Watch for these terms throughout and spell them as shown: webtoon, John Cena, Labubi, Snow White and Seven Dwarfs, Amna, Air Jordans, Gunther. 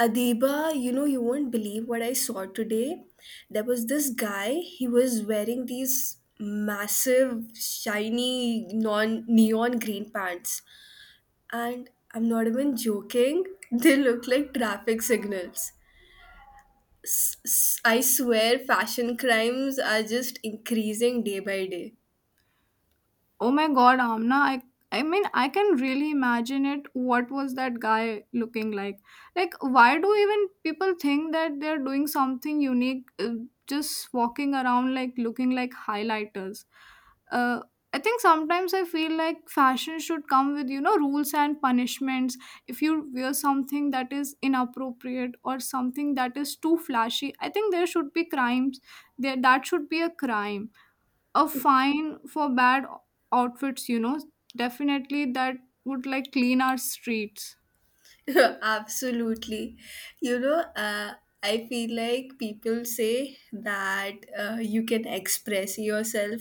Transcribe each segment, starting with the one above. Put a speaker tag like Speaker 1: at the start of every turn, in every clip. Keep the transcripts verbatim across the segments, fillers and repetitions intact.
Speaker 1: Adiba, you know, you won't believe what I saw today. There was this guy, he was wearing these massive, shiny, non neon green pants. And I'm not even joking, they look like traffic signals. S- I swear, fashion crimes are just increasing day by day.
Speaker 2: Oh my god, Amna, I I mean I can really imagine it what was that guy looking like. Like why do even people think that they're doing something unique uh, just walking around like looking like highlighters. Uh I think sometimes I feel like fashion should come with you know rules and punishments. If you wear something that is inappropriate or something that is too flashy, I think there should be crimes. There that should be a crime, a fine for bad outfits. You know definitely that would like clean our streets.
Speaker 1: Absolutely. You know, uh, I feel like people say that uh, you can express yourself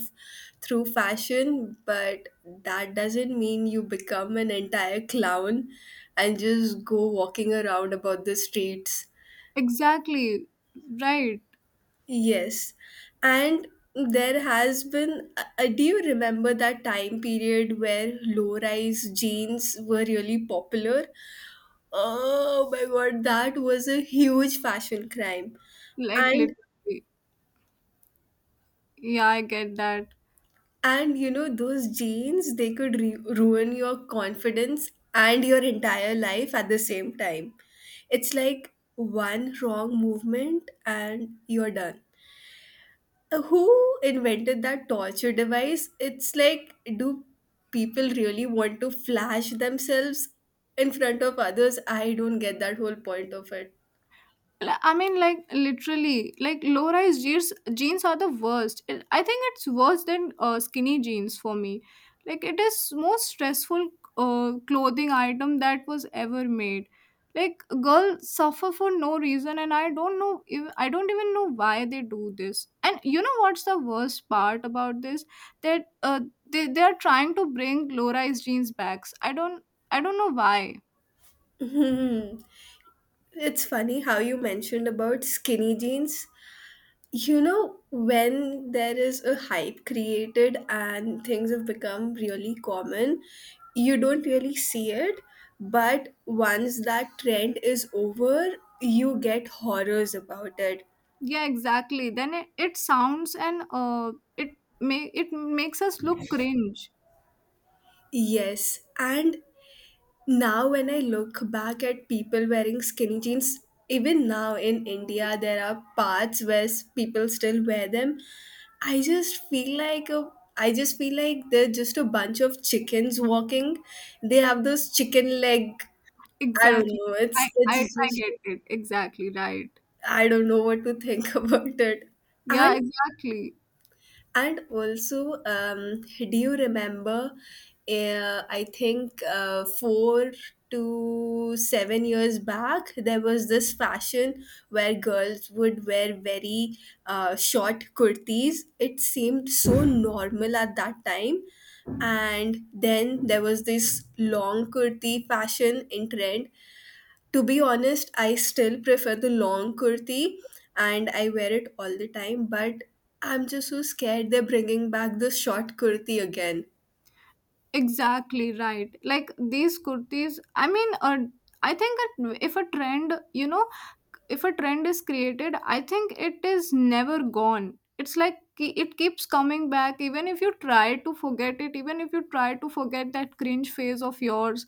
Speaker 1: through fashion, but that doesn't mean you become an entire clown and just go walking around about the streets.
Speaker 2: Exactly, right.
Speaker 1: Yes. And there has been, uh, uh, do you remember that time period where low rise jeans were really popular? Oh my god, that was a huge fashion crime.
Speaker 2: Like,
Speaker 1: And
Speaker 2: literally. Yeah, I get that.
Speaker 1: and you know those jeans, they could re- ruin your confidence and your entire life at the same time. It's like one wrong movement and you're done. Uh, Who invented that torture device? It's like do people really want to flash themselves in front of others? I don't get that whole point of it.
Speaker 2: Li- I mean, like literally, like low-rise jeans jeans are the worst. It, I think it's worse than uh, skinny jeans for me. Like it is most stressful uh, clothing item that was ever made. Like girls suffer for no reason, and I don't know. If, I don't even know why they do this. And you know what's the worst part about this? That uh, they they are trying to bring low-rise jeans back. I don't I don't know why.
Speaker 1: It's funny how you mentioned about skinny jeans. You know, when there is a hype created and things have become really common, you don't really see it. But once that trend is over, you get horrors about it.
Speaker 2: Yeah, exactly. Then it, it sounds, and uh it may it makes us look cringe.
Speaker 1: Yes, and now, when I look back at people wearing skinny jeans, even now in India, there are parts where s- people still wear them. I just feel like a I just feel like they're just a bunch of chickens walking. They have those chicken leg. I don't
Speaker 2: Exactly.
Speaker 1: know. It's
Speaker 2: I, I
Speaker 1: it's
Speaker 2: i
Speaker 1: just
Speaker 2: get it. Exactly, right.
Speaker 1: I don't know what to think about it. And
Speaker 2: Yeah, exactly.
Speaker 1: And also, um, do you remember? Uh, I think uh, four to seven years back, there was this fashion where girls would wear very uh, short kurtis. It seemed so normal at that time. And then there was this long kurti fashion in trend. To be honest, I still prefer the long kurti and I wear it all the time, but I'm just so scared they're bringing back the short kurti again.
Speaker 2: Exactly, right. Like these kurtis, I mean, uh, I think that if a trend, you know if a trend is created, I think it is never gone. It's like ki- it keeps coming back even if you try to forget it, even if you try to forget that cringe phase of yours.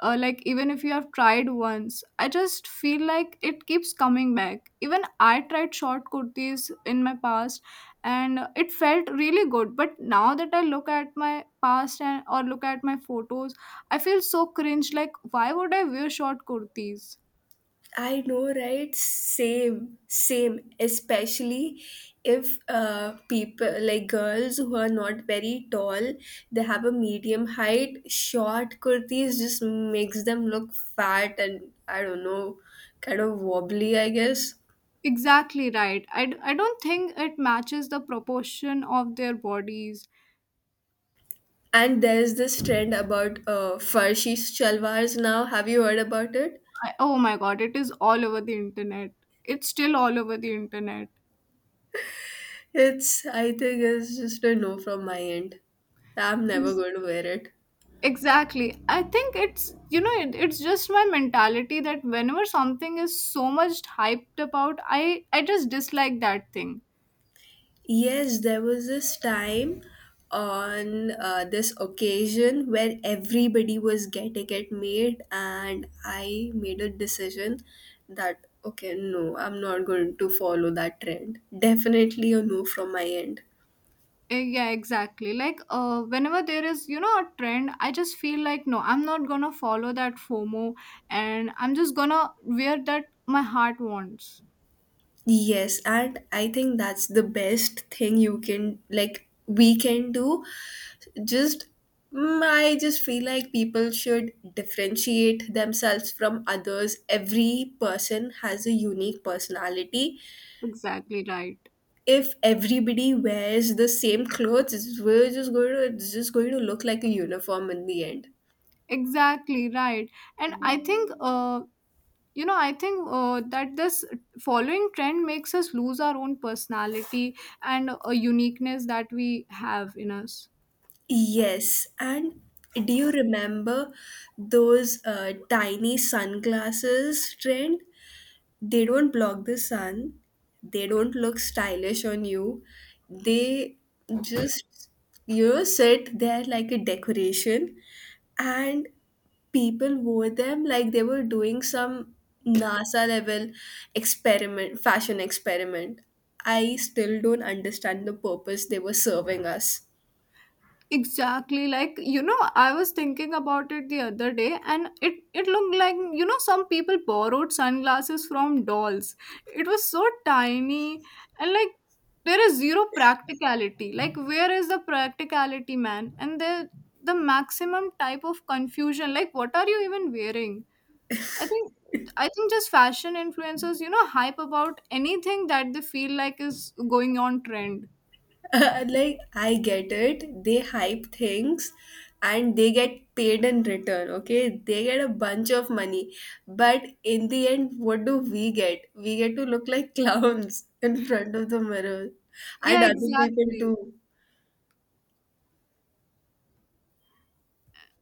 Speaker 2: uh, Like even if you have tried once, I just feel like it keeps coming back. Even I tried short kurtis in my past, and it felt really good, but now that I look at my past, and or look at my photos, I feel so cringe. Like why would I wear short kurtis?
Speaker 1: I know, right? Same, same. Especially if uh, people, like girls who are not very tall, they have a medium height, short kurtis just makes them look fat and I don't know, kind of wobbly, I guess.
Speaker 2: Exactly right. I, d- I don't think it matches the proportion of their bodies.
Speaker 1: And there's this trend about uh, Farshi shalwars now. Have you heard about it?
Speaker 2: I, oh my god, it is all over the internet. It's still all over the internet.
Speaker 1: It's, I think it's just a no from my end. I'm never
Speaker 2: Yes.
Speaker 1: going to wear it.
Speaker 2: Exactly. I think it's, you know, it, it's just my mentality that whenever something is so much hyped about, I, I just dislike that thing.
Speaker 1: Yes, there was this time on uh, this occasion where everybody was getting it made, and I made a decision that, okay, no, I'm not going to follow that trend. Definitely a no from my end.
Speaker 2: Eh, Yeah, exactly. Like, uh, whenever there is, you know, a trend, I just feel like, no, I'm not gonna follow that FOMO, and I'm just gonna wear that my heart wants.
Speaker 1: Yes, and I think that's the best thing you can like we can do. Just mm, I just feel like people should differentiate themselves from others. Every person has a unique personality.
Speaker 2: Exactly, right.
Speaker 1: If everybody wears the same clothes, it's- we're just going to it's just going to look like a uniform in the end.
Speaker 2: Exactly, right. And i think uh you know I think, uh, that this following trend makes us lose our own personality and a uniqueness that we have in us.
Speaker 1: Yes, and do you remember those uh, tiny sunglasses trend? They don't block the sun, they don't look stylish on you, they just, you know, sit there like a decoration. And people wore them like they were doing some NASA level experiment, fashion experiment. I still don't understand the purpose they were serving us.
Speaker 2: Exactly. Like, you know, I was thinking about it the other day, and it it looked like, you know, some people borrowed sunglasses from dolls. It was so tiny, and like there is zero practicality. Like where is the practicality, man? And the the maximum type of confusion. Like what are you even wearing? I think I think just fashion influencers, you know, hype about anything that they feel like is going on trend.
Speaker 1: Like I get it, they hype things and they get paid in return, okay, they get a bunch of money. But in the end, what do we get? We get to look like clowns in front of the mirror and
Speaker 2: Yeah,
Speaker 1: other people
Speaker 2: exactly.
Speaker 1: too.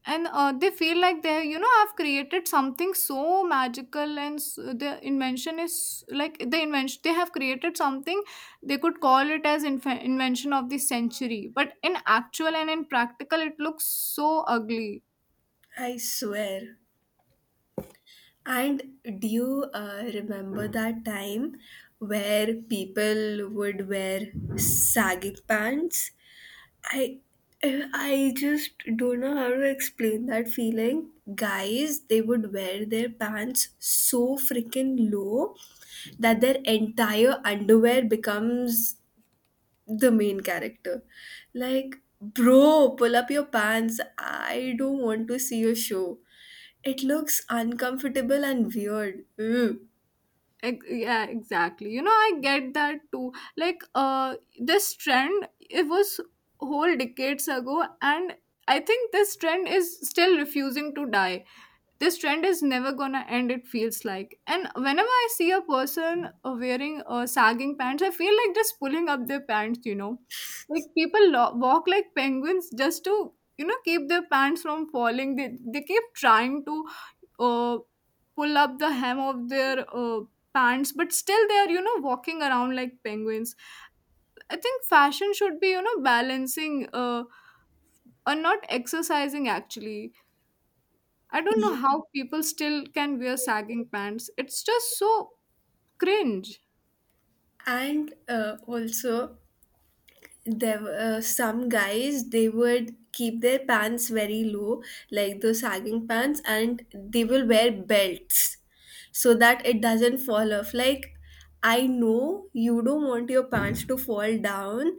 Speaker 2: And uh, they feel like they you know have created something so magical, and s the invention is like the invention, they have created something they could call it as inf- invention of the century, but in actual and in practical it looks so ugly.
Speaker 1: I swear. And do you, uh, remember that time where people would wear sagging pants? I I just don't know how to explain that feeling. Guys, they would wear their pants so freaking low that their entire underwear becomes the main character. Like, bro, pull up your pants. I don't want to see your show. It looks uncomfortable and weird. Ugh.
Speaker 2: Ex- yeah, exactly. you know I get that too. Like, uh this trend, it was whole decades ago, and I think this trend is still refusing to die. This trend is never gonna end, it feels like. And whenever I see a person uh, wearing uh, sagging pants, I feel like just pulling up their pants you know Like people lo- walk like penguins just to you know keep their pants from falling. They, they keep trying to uh, pull up the hem of their uh, pants, but still they are you know walking around like penguins. I think fashion should be, you know balancing, uh, or not exercising actually. I don't know how people still can wear sagging pants. It's just so cringe.
Speaker 1: And uh, also, there were uh, some guys, they would keep their pants very low like those sagging pants and they will wear belts so that it doesn't fall off. Like, I know you don't want your pants to fall down,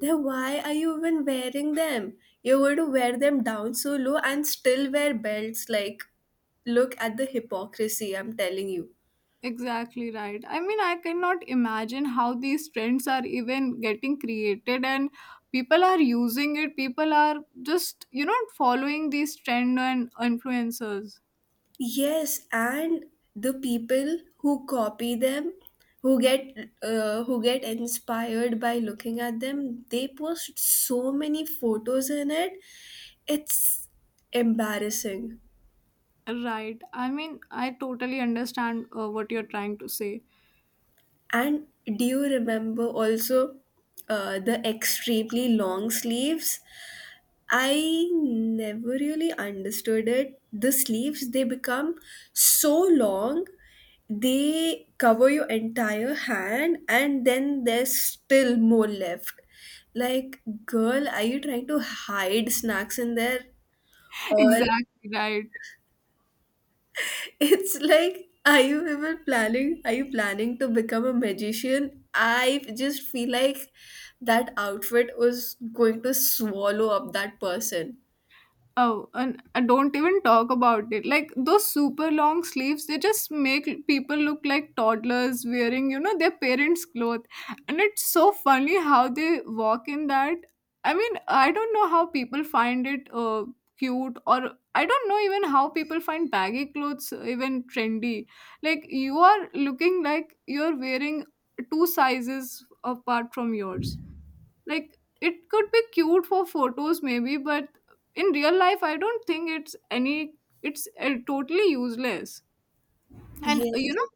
Speaker 1: then why are you even wearing them? You're going to wear them down so low and still wear belts. Like, look at the hypocrisy, I'm telling you.
Speaker 2: Exactly right. I mean, I cannot imagine how these trends are even getting created and people are using it. People are just, you know, following these trend and influencers.
Speaker 1: Yes, and the people who copy them, who get uh, who get inspired by looking at them, they post so many photos in it. It's embarrassing.
Speaker 2: Right. I mean, I totally understand uh, what you're trying to say.
Speaker 1: And do you remember also uh, the extremely long sleeves? I never really understood it. The sleeves, they become so long, they cover your entire hand, and then there's still more left. Like, girl, are you trying to hide snacks in there? Or
Speaker 2: Exactly right.
Speaker 1: it's like, are you even planning? Are you planning to become a magician? I just feel like that outfit was going to swallow up that person.
Speaker 2: Oh, and, and don't even talk about it. Like those super long sleeves, they just make l- people look like toddlers wearing, you know, their parents' clothes. And it's so funny how they walk in that. I mean, I don't know how people find it uh, cute, or I don't know even how people find baggy clothes uh, even trendy. Like you are looking like you're wearing two sizes apart from yours. Like it could be cute for photos maybe, but in real life I don't think it's any it's uh, totally useless. And uh, you
Speaker 1: Yes.
Speaker 2: know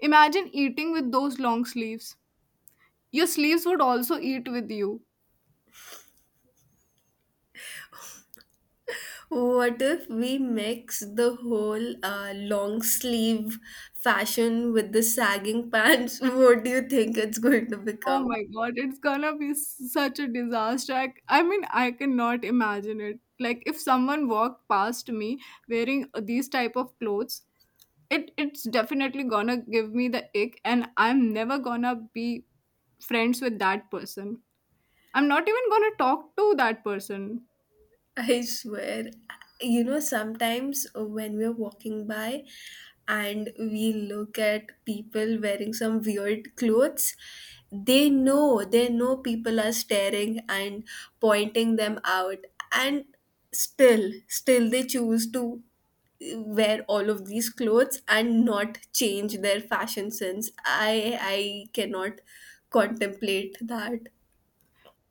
Speaker 2: imagine eating with those long sleeves. Your sleeves would also eat with you.
Speaker 1: What if we mix the whole uh, long sleeve fashion with the sagging pants? What do you think it's going to
Speaker 2: Oh
Speaker 1: become?
Speaker 2: my god, it's gonna be such a disaster. i, I mean, I cannot imagine it. Like if someone walked past me wearing uh, these type of clothes, it it's definitely gonna give me the ick, and I'm never gonna be friends with that person. I'm not even gonna talk to that person.
Speaker 1: I swear, you know, sometimes when we're walking by and we look at people wearing some weird clothes, they know, they know people are staring and pointing them out, and still, still they choose to wear all of these clothes and not change their fashion sense. I I cannot contemplate that.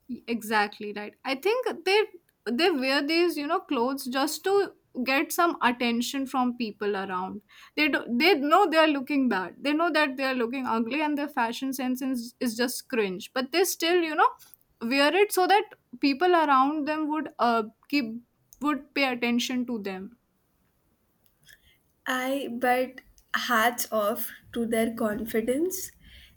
Speaker 2: Y- Exactly, right. I think they they wear these you know clothes just to get some attention from people around. They do, they know they are looking bad. They know that they are looking ugly, and their fashion sense is, is just cringe. But they still you know wear it so that people around them would uh keep would pay attention to them.
Speaker 1: I but hats off to their confidence.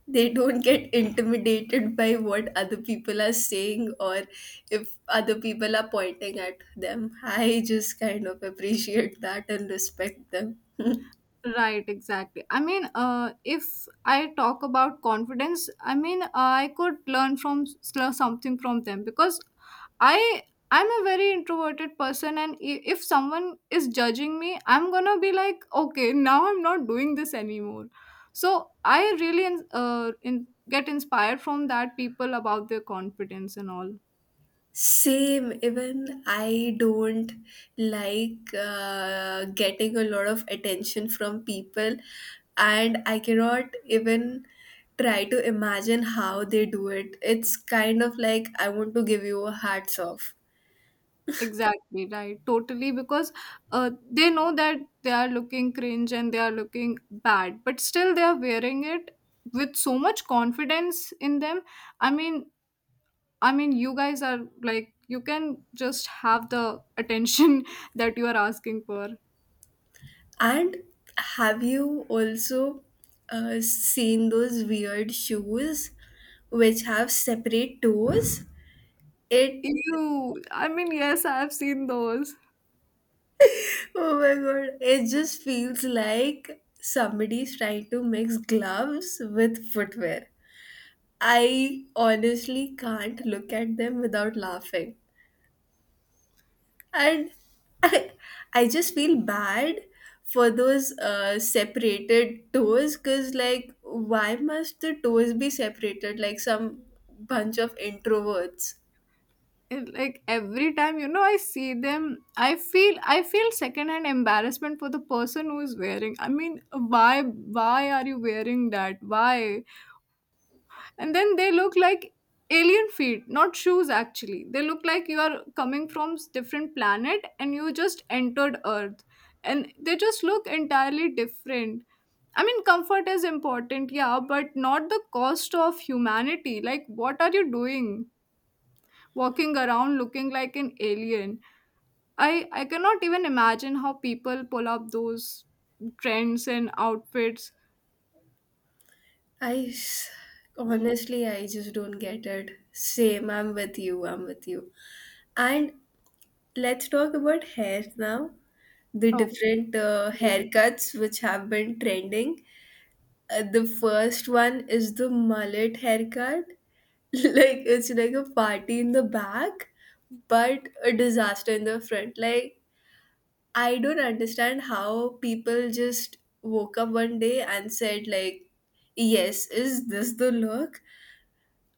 Speaker 1: They don't get intimidated by what other people are saying or if other people are pointing at them. I just kind of appreciate that and respect them.
Speaker 2: Right, exactly. I mean, uh, if I talk about confidence, I mean, I could learn from learn something from them, because I I'm a very introverted person, and i- if someone is judging me, I'm gonna be like, okay, now I'm not doing this anymore. So I really in, uh, in, get inspired from that people about their confidence and all.
Speaker 1: Same, even I don't like uh, getting a lot of attention from people, and I cannot even try to imagine how they do it. It's kind of like I want to give you a hats off.
Speaker 2: Exactly, right. Totally, because uh, they know that they are looking cringe and they are looking bad, but still they are wearing it with so much confidence in them. I mean, I mean, you guys are like you can just have the attention that you are asking for.
Speaker 1: And have you also uh, seen those weird shoes which have separate toes? It—
Speaker 2: You, I mean, yes, I have seen those.
Speaker 1: oh my god, it just feels like somebody's trying to mix gloves with footwear. I honestly can't look at them without laughing. And I, I just feel bad for those uh, separated toes because, like, why must the toes be separated like some bunch of introverts?
Speaker 2: It- like every time you know I see them, i feel i feel secondhand embarrassment for the person who is wearing. I mean, why why are you wearing that? Why? And then they look like alien feet, not shoes. Actually they look like you are coming from s- different planet and you just entered earth, and they just look entirely different. I mean, comfort is important, yeah, but not the cost of humanity. Like, what are you doing? Walking around looking like an alien. I I cannot even imagine how people pull up those trends and outfits.
Speaker 1: I s- honestly, I just don't get it. Same, I'm with you, I'm with you. And let's talk about hair now. The
Speaker 2: Okay.
Speaker 1: different uh, haircuts which have been trending. Uh, the first one is the mullet haircut. Like, it's like a party in the back, but a disaster in the front. Like, I don't understand how people just woke up one day and said like, "Yes, is this the look?"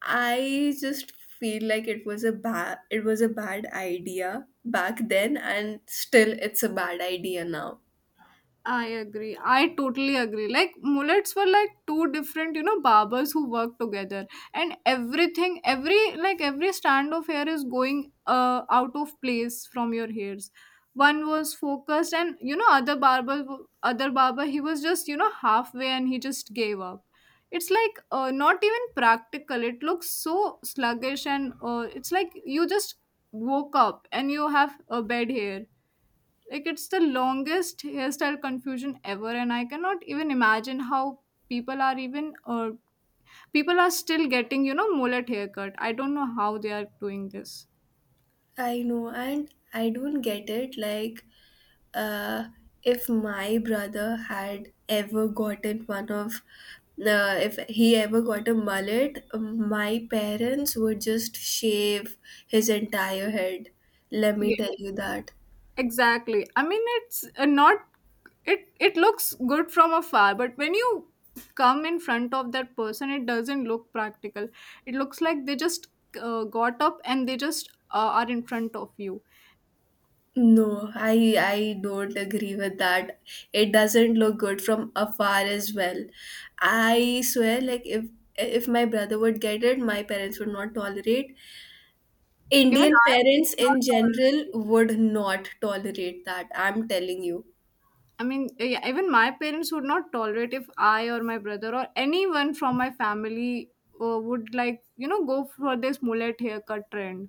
Speaker 1: I just feel like it was a bad it was a bad idea back then and still it's a bad idea now.
Speaker 2: I agree. I totally agree. Like mullets were like two different, you know, barbers who work together, and everything, every like every strand of hair is going uh out of place from your hairs. One was focused, and you know, other barber, w- other barber, he was just you know halfway, and he just gave up. It's like uh, not even practical. It looks so sluggish, and uh, it's like you just woke up and you have a bed hair. Like it's the longest hairstyle confusion ever, and I cannot even imagine how people are even or people are still getting you know mullet haircut. I don't know how they are doing this.
Speaker 1: I know and I don't get it. Like, uh if my brother had ever gotten one of uh, if he ever got a mullet, my parents would just shave his entire head, let
Speaker 2: Yeah,
Speaker 1: me tell you that.
Speaker 2: exactly. I mean, it's uh, not it. It looks good from afar, but when you come in front of that person, it doesn't look practical. It looks like they just uh, got up, and they just uh, are in front of you.
Speaker 1: No, I I don't agree with that. It doesn't look good from afar as well. I swear, like if if my brother would get it, my parents would not tolerate.
Speaker 2: Even
Speaker 1: Indian
Speaker 2: I would
Speaker 1: parents
Speaker 2: not
Speaker 1: in general
Speaker 2: tolerate.
Speaker 1: would not tolerate that. I'm telling you.
Speaker 2: I mean, yeah, even my parents would not tolerate if I or my brother or anyone from my family uh, would like, you know, go for this mullet haircut trend.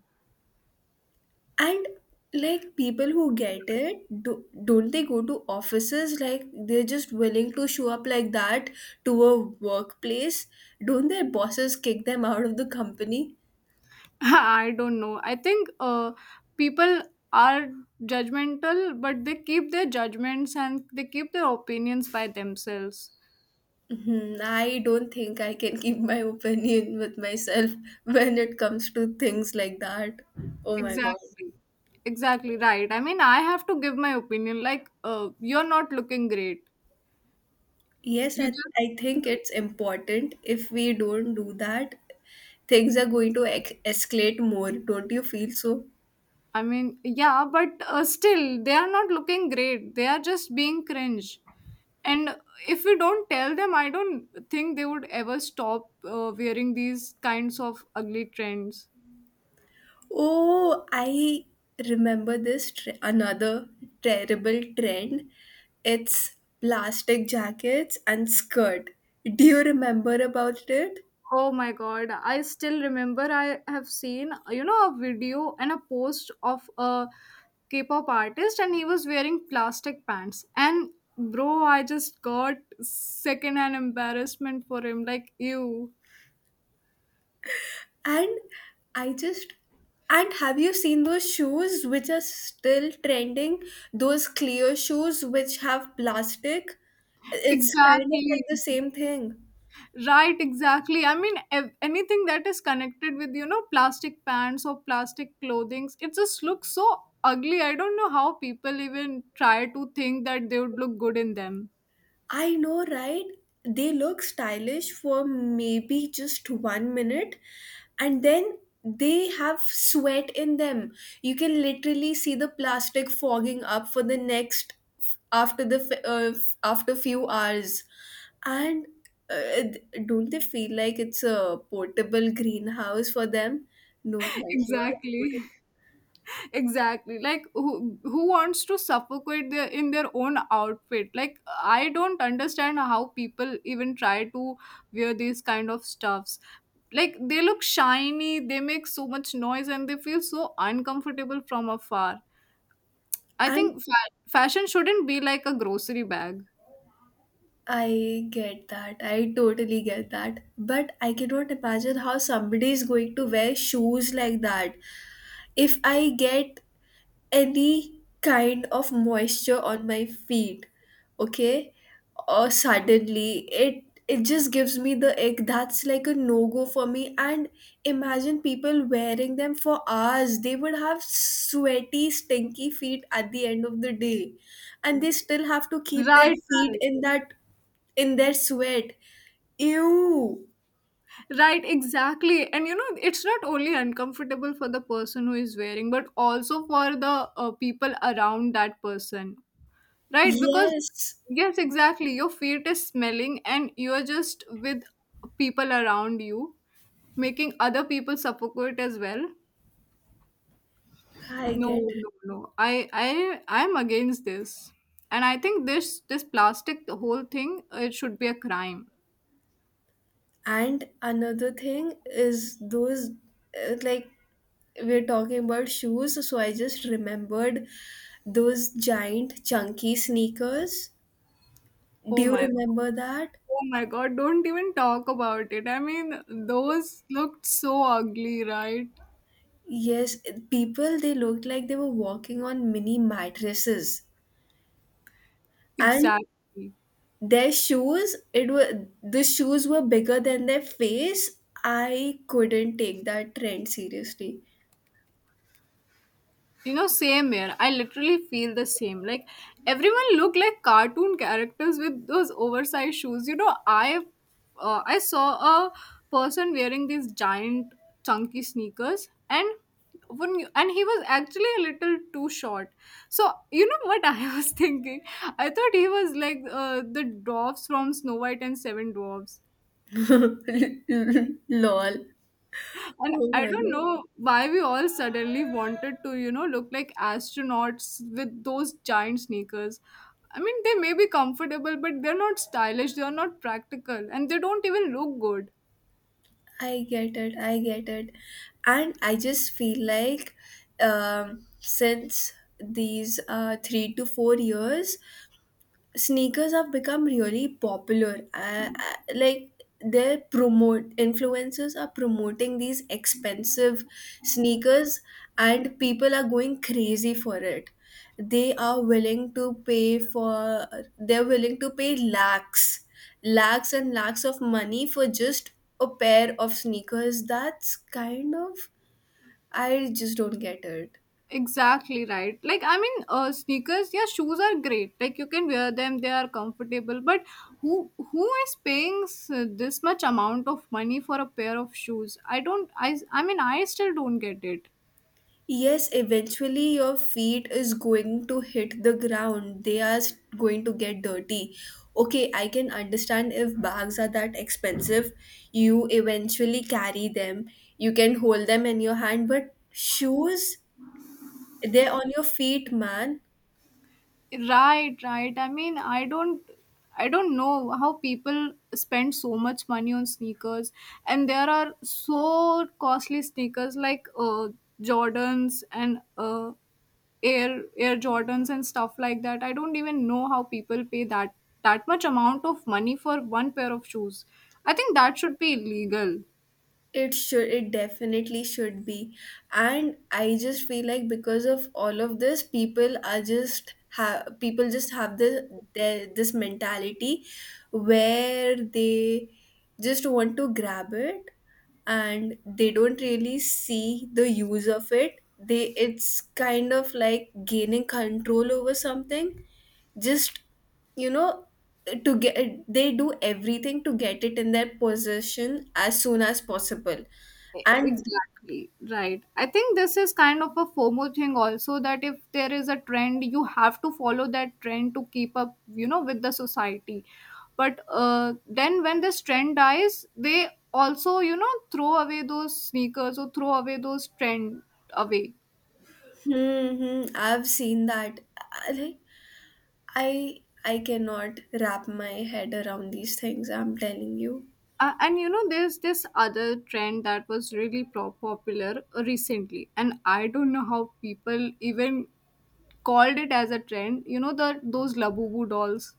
Speaker 1: And like people who get it, do, don't they go to offices? Like they're just willing to show up like that to a workplace. Don't their bosses kick them out of the company?
Speaker 2: I don't know. I think uh, people are judgmental, but they keep their judgments and they keep their opinions by themselves.
Speaker 1: Mhm, I don't think I can keep my opinion with myself when it comes to things like that. Oh my God.
Speaker 2: Exactly. Exactly right. I mean, I have to give my opinion. Like, uh, you're not looking great.
Speaker 1: Yes,
Speaker 2: You
Speaker 1: I, I think
Speaker 2: just.
Speaker 1: it's important. If we don't do that, things are going to ex- escalate more. Don't you feel so?
Speaker 2: I mean, yeah, but uh, still, they are not looking great. They are just being cringe. And if we don't tell them, I don't think they would ever stop uh, wearing these kinds of ugly trends.
Speaker 1: Oh, I remember this tre- another terrible trend. It's plastic jackets and skirt. Do you remember about it?
Speaker 2: Oh my god, I still remember I have seen, you know, a video and a post of a K pop artist, and he was wearing plastic pants. And bro, I just got secondhand embarrassment for him. Like, ew.
Speaker 1: And I just— and have you seen those shoes which are still trending? Those clear shoes which have plastic? It's kind of
Speaker 2: Exactly.
Speaker 1: like the same thing.
Speaker 2: Right, exactly. I mean, ev- anything that is connected with, you know, plastic pants or plastic clothings, it just looks so ugly. I don't know how people even try to think that they would look good in them.
Speaker 1: I know, right? They look stylish for maybe just one minute and then they have sweat in them. You can literally see the plastic fogging up for the next, after the f- uh, f- after few hours. And uh, th- don't they feel like it's a portable greenhouse for them? No, thank you. I
Speaker 2: exactly.
Speaker 1: wouldn't.
Speaker 2: exactly. Like who who wants to suffocate their in their own outfit? Like I don't understand how people even try to wear these kind of stuffs. Like they look shiny, they make so much noise and they feel so uncomfortable from afar. I
Speaker 1: And
Speaker 2: think fa- fashion shouldn't be like a grocery bag.
Speaker 1: I get that. I totally get that. But I cannot imagine how somebody is going to wear shoes like that. If I get any kind of moisture on my feet, okay, or suddenly it it just gives me the ick. That's like a no go for me. And imagine people wearing them for hours. They would have sweaty, stinky feet at the end of the day, and they still have to keep their
Speaker 2: Right,
Speaker 1: feet
Speaker 2: right,
Speaker 1: in that, in their sweat. Ew.
Speaker 2: right, exactly. And you know, it's not only uncomfortable for the person who is wearing, but also for the uh, people around that person, right? Because,
Speaker 1: Yes,
Speaker 2: yes, exactly, your feet is smelling and you're just with people around you, making other people suffocate as well.
Speaker 1: I get
Speaker 2: No,
Speaker 1: it.
Speaker 2: no, no. I, I, I'm against this, and I think this, this plastic, the whole thing, it should be a crime.
Speaker 1: And another thing is those uh, like, we're talking about shoes, so I just remembered those giant chunky sneakers. Do
Speaker 2: Oh
Speaker 1: you
Speaker 2: my,
Speaker 1: remember that?
Speaker 2: oh my God, don't even talk about it. I mean, those looked so ugly, right?
Speaker 1: Yes, people, they looked like they were walking on mini mattresses. And
Speaker 2: Exactly.
Speaker 1: their shoes it were the shoes were bigger than their face. I couldn't take that trend seriously.
Speaker 2: You know, same here. I literally feel the same. Like everyone look like cartoon characters with those oversized shoes. You know, I uh, I saw a person wearing these giant chunky sneakers and when you, and he was actually a little too short. So, you know what I was thinking? I thought he was like uh, the dwarfs from Snow White and Seven Dwarfs.
Speaker 1: Lol.
Speaker 2: And
Speaker 1: Oh
Speaker 2: I
Speaker 1: my
Speaker 2: don't
Speaker 1: God,
Speaker 2: know why we all suddenly wanted to, you know, look like astronauts with those giant sneakers. I mean, they may be comfortable, but they're not stylish, they're not practical, and they don't even look good.
Speaker 1: I get it, I get it. And I just feel like um since these uh three to four years, sneakers have become really popular. Uh, uh, like, they're promote influencers are promoting these expensive sneakers, and people are going crazy for it. They are willing to pay for they're willing to pay lakhs, lakhs and lakhs of money for just a pair of sneakers. That's kind of, I just don't get it.
Speaker 2: Exactly right. Like, I mean, uh, sneakers, yeah, shoes are great. Like, you can wear them, they are comfortable. But who who is paying s- this much amount of money for a pair of shoes? I don't, I, I mean, I still don't get it.
Speaker 1: Yes, eventually your feet is going to hit the ground. They are s- going to get dirty. Okay, I can understand if bags are that expensive, you eventually carry them. You can hold them in your hand, but shoes, they're on your feet, man.
Speaker 2: Right, right. I mean, I don't I don't know how people spend so much money on sneakers and there are so costly sneakers like uh Jordans and uh Air Air Jordans and stuff like that. I don't even know how people pay that that much amount of money for one pair of shoes. I think that should be illegal.
Speaker 1: It should, it definitely should be. And I just feel like because of all of this, people are just have people just have this their, this mentality where they just want to grab it, and they don't really see the use of it. They It's kind of like gaining control over something. Just, you know, to get they do everything to get it in their possession as soon as possible. And
Speaker 2: Exactly. Right. I think this is kind of a FOMO thing also that if there is a trend, you have to follow that trend to keep up, you know, with the society. But uh, then when this trend dies, they also, you know, throw away those sneakers or throw away those trend away.
Speaker 1: hmm, hmm, I've seen that. I- Like, I I cannot wrap my head around these things. I'm telling you.
Speaker 2: Uh, and you know, there's this other trend that was really pro- popular recently, and I don't know how people even called it as a trend. You know, the those Labubu dolls.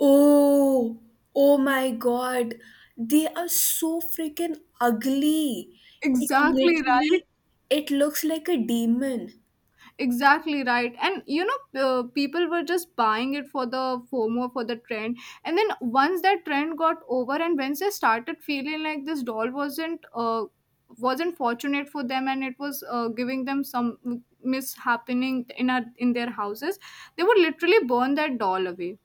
Speaker 1: Oh, oh my God, they are so freaking ugly. It
Speaker 2: Exactly right.
Speaker 1: literally, it looks like a demon.
Speaker 2: Exactly right. And you know, uh, people were just buying it for the FOMO, for the trend. And then once that trend got over, and once they started feeling like this doll wasn't uh, wasn't fortunate for them, and it was uh, giving them some mishappening in a, in their houses, they would literally burn that doll away.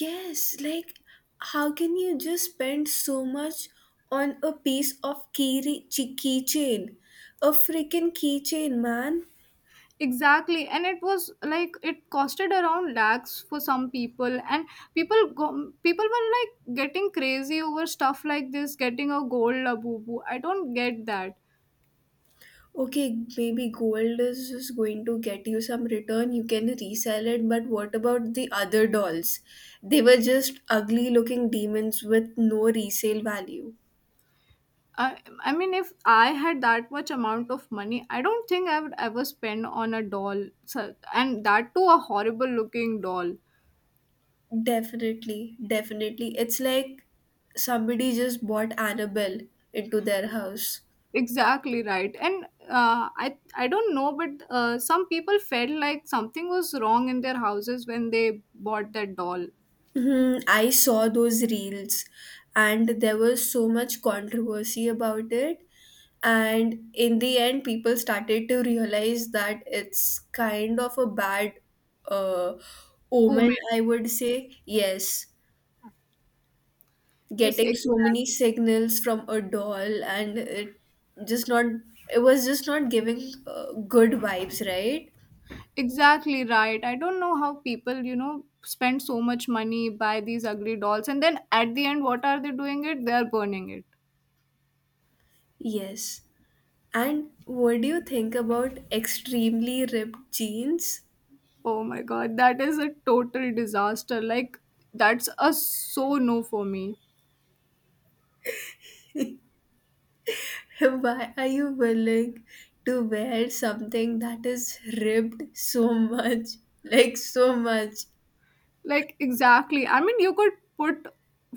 Speaker 1: Yes, like, how can you just spend so much on a piece of key keychain? A freaking keychain, man.
Speaker 2: Exactly, and it was like it costed around lakhs for some people, and people go people were like getting crazy over stuff like this, getting a gold Labubu. I don't get that.
Speaker 1: Okay, maybe gold is just going to get you some return. You can resell it, but what about the other dolls? They were just ugly looking demons with no resale value.
Speaker 2: I, I mean, if I had that much amount of money, I don't think I would ever spend on a doll, so- and that too a horrible looking doll.
Speaker 1: Definitely, definitely. It's like somebody just bought Annabelle into their house.
Speaker 2: Exactly right. And uh, i i don't know, but uh, some people felt like something was wrong in their houses when they bought that doll.
Speaker 1: Hmm, I saw those reels, and there was so much controversy about it. And in the end, people started to realize that it's kind of a bad uh,
Speaker 2: Oh
Speaker 1: omen,
Speaker 2: man.
Speaker 1: I would say. Yes,
Speaker 2: Yes,
Speaker 1: getting so many
Speaker 2: exactly,
Speaker 1: signals from a doll. And it just not, it was just not giving uh, good vibes, right?
Speaker 2: exactly right. I don't know how people, you know, spend so much money, buy these ugly dolls, and then at the end, what are they doing it? They are burning it.
Speaker 1: Yes. And what do you think about extremely ripped jeans?
Speaker 2: Oh my god, that is a total disaster. Like, that's a so no for me.
Speaker 1: Why are you willing to wear something that is ripped so much? Like, so much.
Speaker 2: Like, exactly. I mean, you could put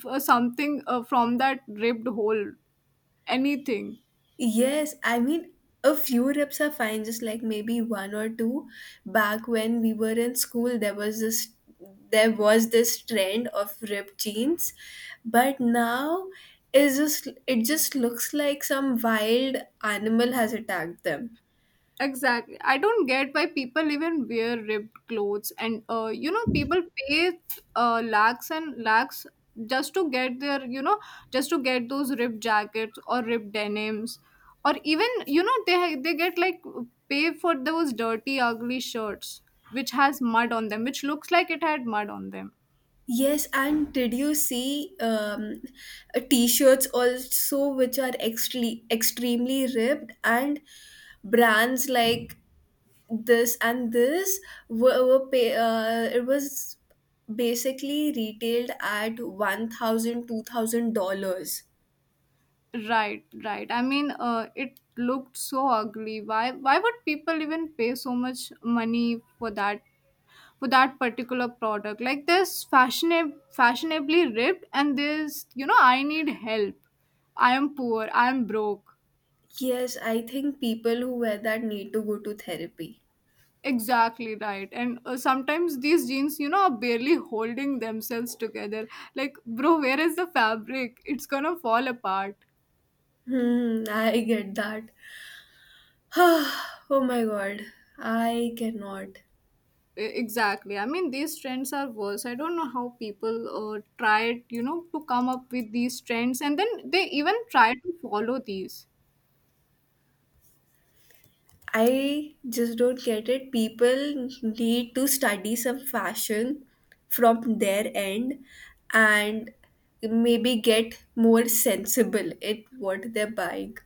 Speaker 2: f- something uh, from that ripped hole, anything.
Speaker 1: Yes, I mean, a few rips are fine, just like maybe one or two. Back when we were in school, there was this. There was this trend of ripped jeans, but now is just it just looks like some wild animal has attacked them.
Speaker 2: Exactly. I don't get why people even wear ripped clothes, and uh, you know, people pay uh, lakhs and lakhs just to get their, you know, just to get those ripped jackets or ripped denims, or even you know, they ha- they get like pay for those dirty, ugly shirts which has mud on them, which looks like it had mud on them.
Speaker 1: Yes, and did you see um, uh, t-shirts also which are extremely extremely ripped, and brands like this and this were, were pay, uh, it was basically retailed at one thousand two thousand dollars.
Speaker 2: Right, right. I mean, uh, it looked so ugly. Why, why would people even pay so much money for that for that particular product. Like this fashionab- fashionably ripped and this, you know, I need help. I am poor. I am broke.
Speaker 1: Yes, I think people who wear that need to go to therapy.
Speaker 2: Exactly right. And uh, sometimes these jeans, you know, are barely holding themselves together. Like, bro, where is the fabric? It's gonna fall apart.
Speaker 1: Hmm, I get that. Oh my God, I cannot.
Speaker 2: E- Exactly. I mean, these trends are worse. I don't know how people uh, tried, you know, to come up with these trends and then they even try to follow these.
Speaker 1: I just don't get it. People need to study some fashion from their end, and maybe get more sensible at what they're buying.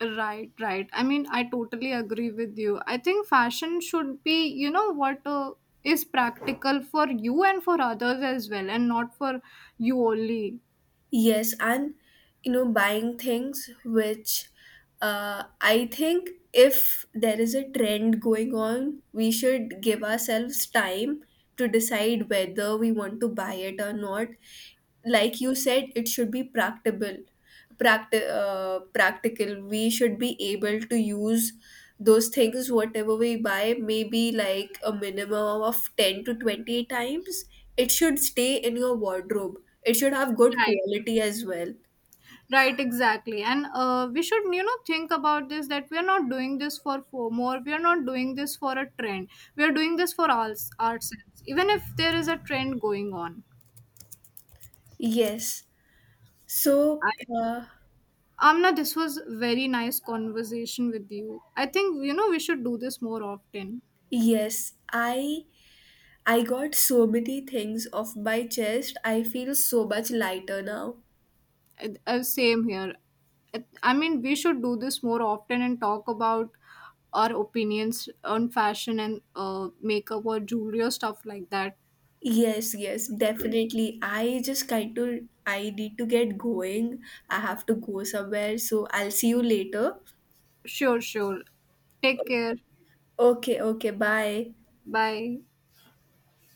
Speaker 2: Right, right. I mean, I totally agree with you. I think fashion should be, you know, what uh, is practical for you and for others as well, and not for you only.
Speaker 1: Yes, and you know, buying things which uh, I think if there is a trend going on, we should give ourselves time to decide whether we want to buy it or not. Like you said, it should be practical. Practi- uh, practical. We should be able to use those things whatever we buy, maybe like a minimum of ten to twenty times. It should stay in your wardrobe, it should have good
Speaker 2: Right,
Speaker 1: quality as well.
Speaker 2: right, exactly. And uh, we should, you know, think about this that we are not doing this for FOMO or we are not doing this for a trend. We are doing this for ours, ourselves, even if there is a trend going on.
Speaker 1: Yes, so
Speaker 2: I,
Speaker 1: uh,
Speaker 2: Amna, this was very nice conversation with you. I think, you know, we should do this more often.
Speaker 1: yes, i i got so many things off my chest, I feel so much lighter now.
Speaker 2: Uh, uh, same here. Uh, I mean, we should do this more often and talk about our opinions on fashion and uh, makeup or jewelry or stuff like that.
Speaker 1: Yes, yes, definitely. I just kind of, I need to get going. I have to go somewhere, so I'll see you later.
Speaker 2: Sure, sure. Take care.
Speaker 1: Okay, okay, bye.
Speaker 2: Bye.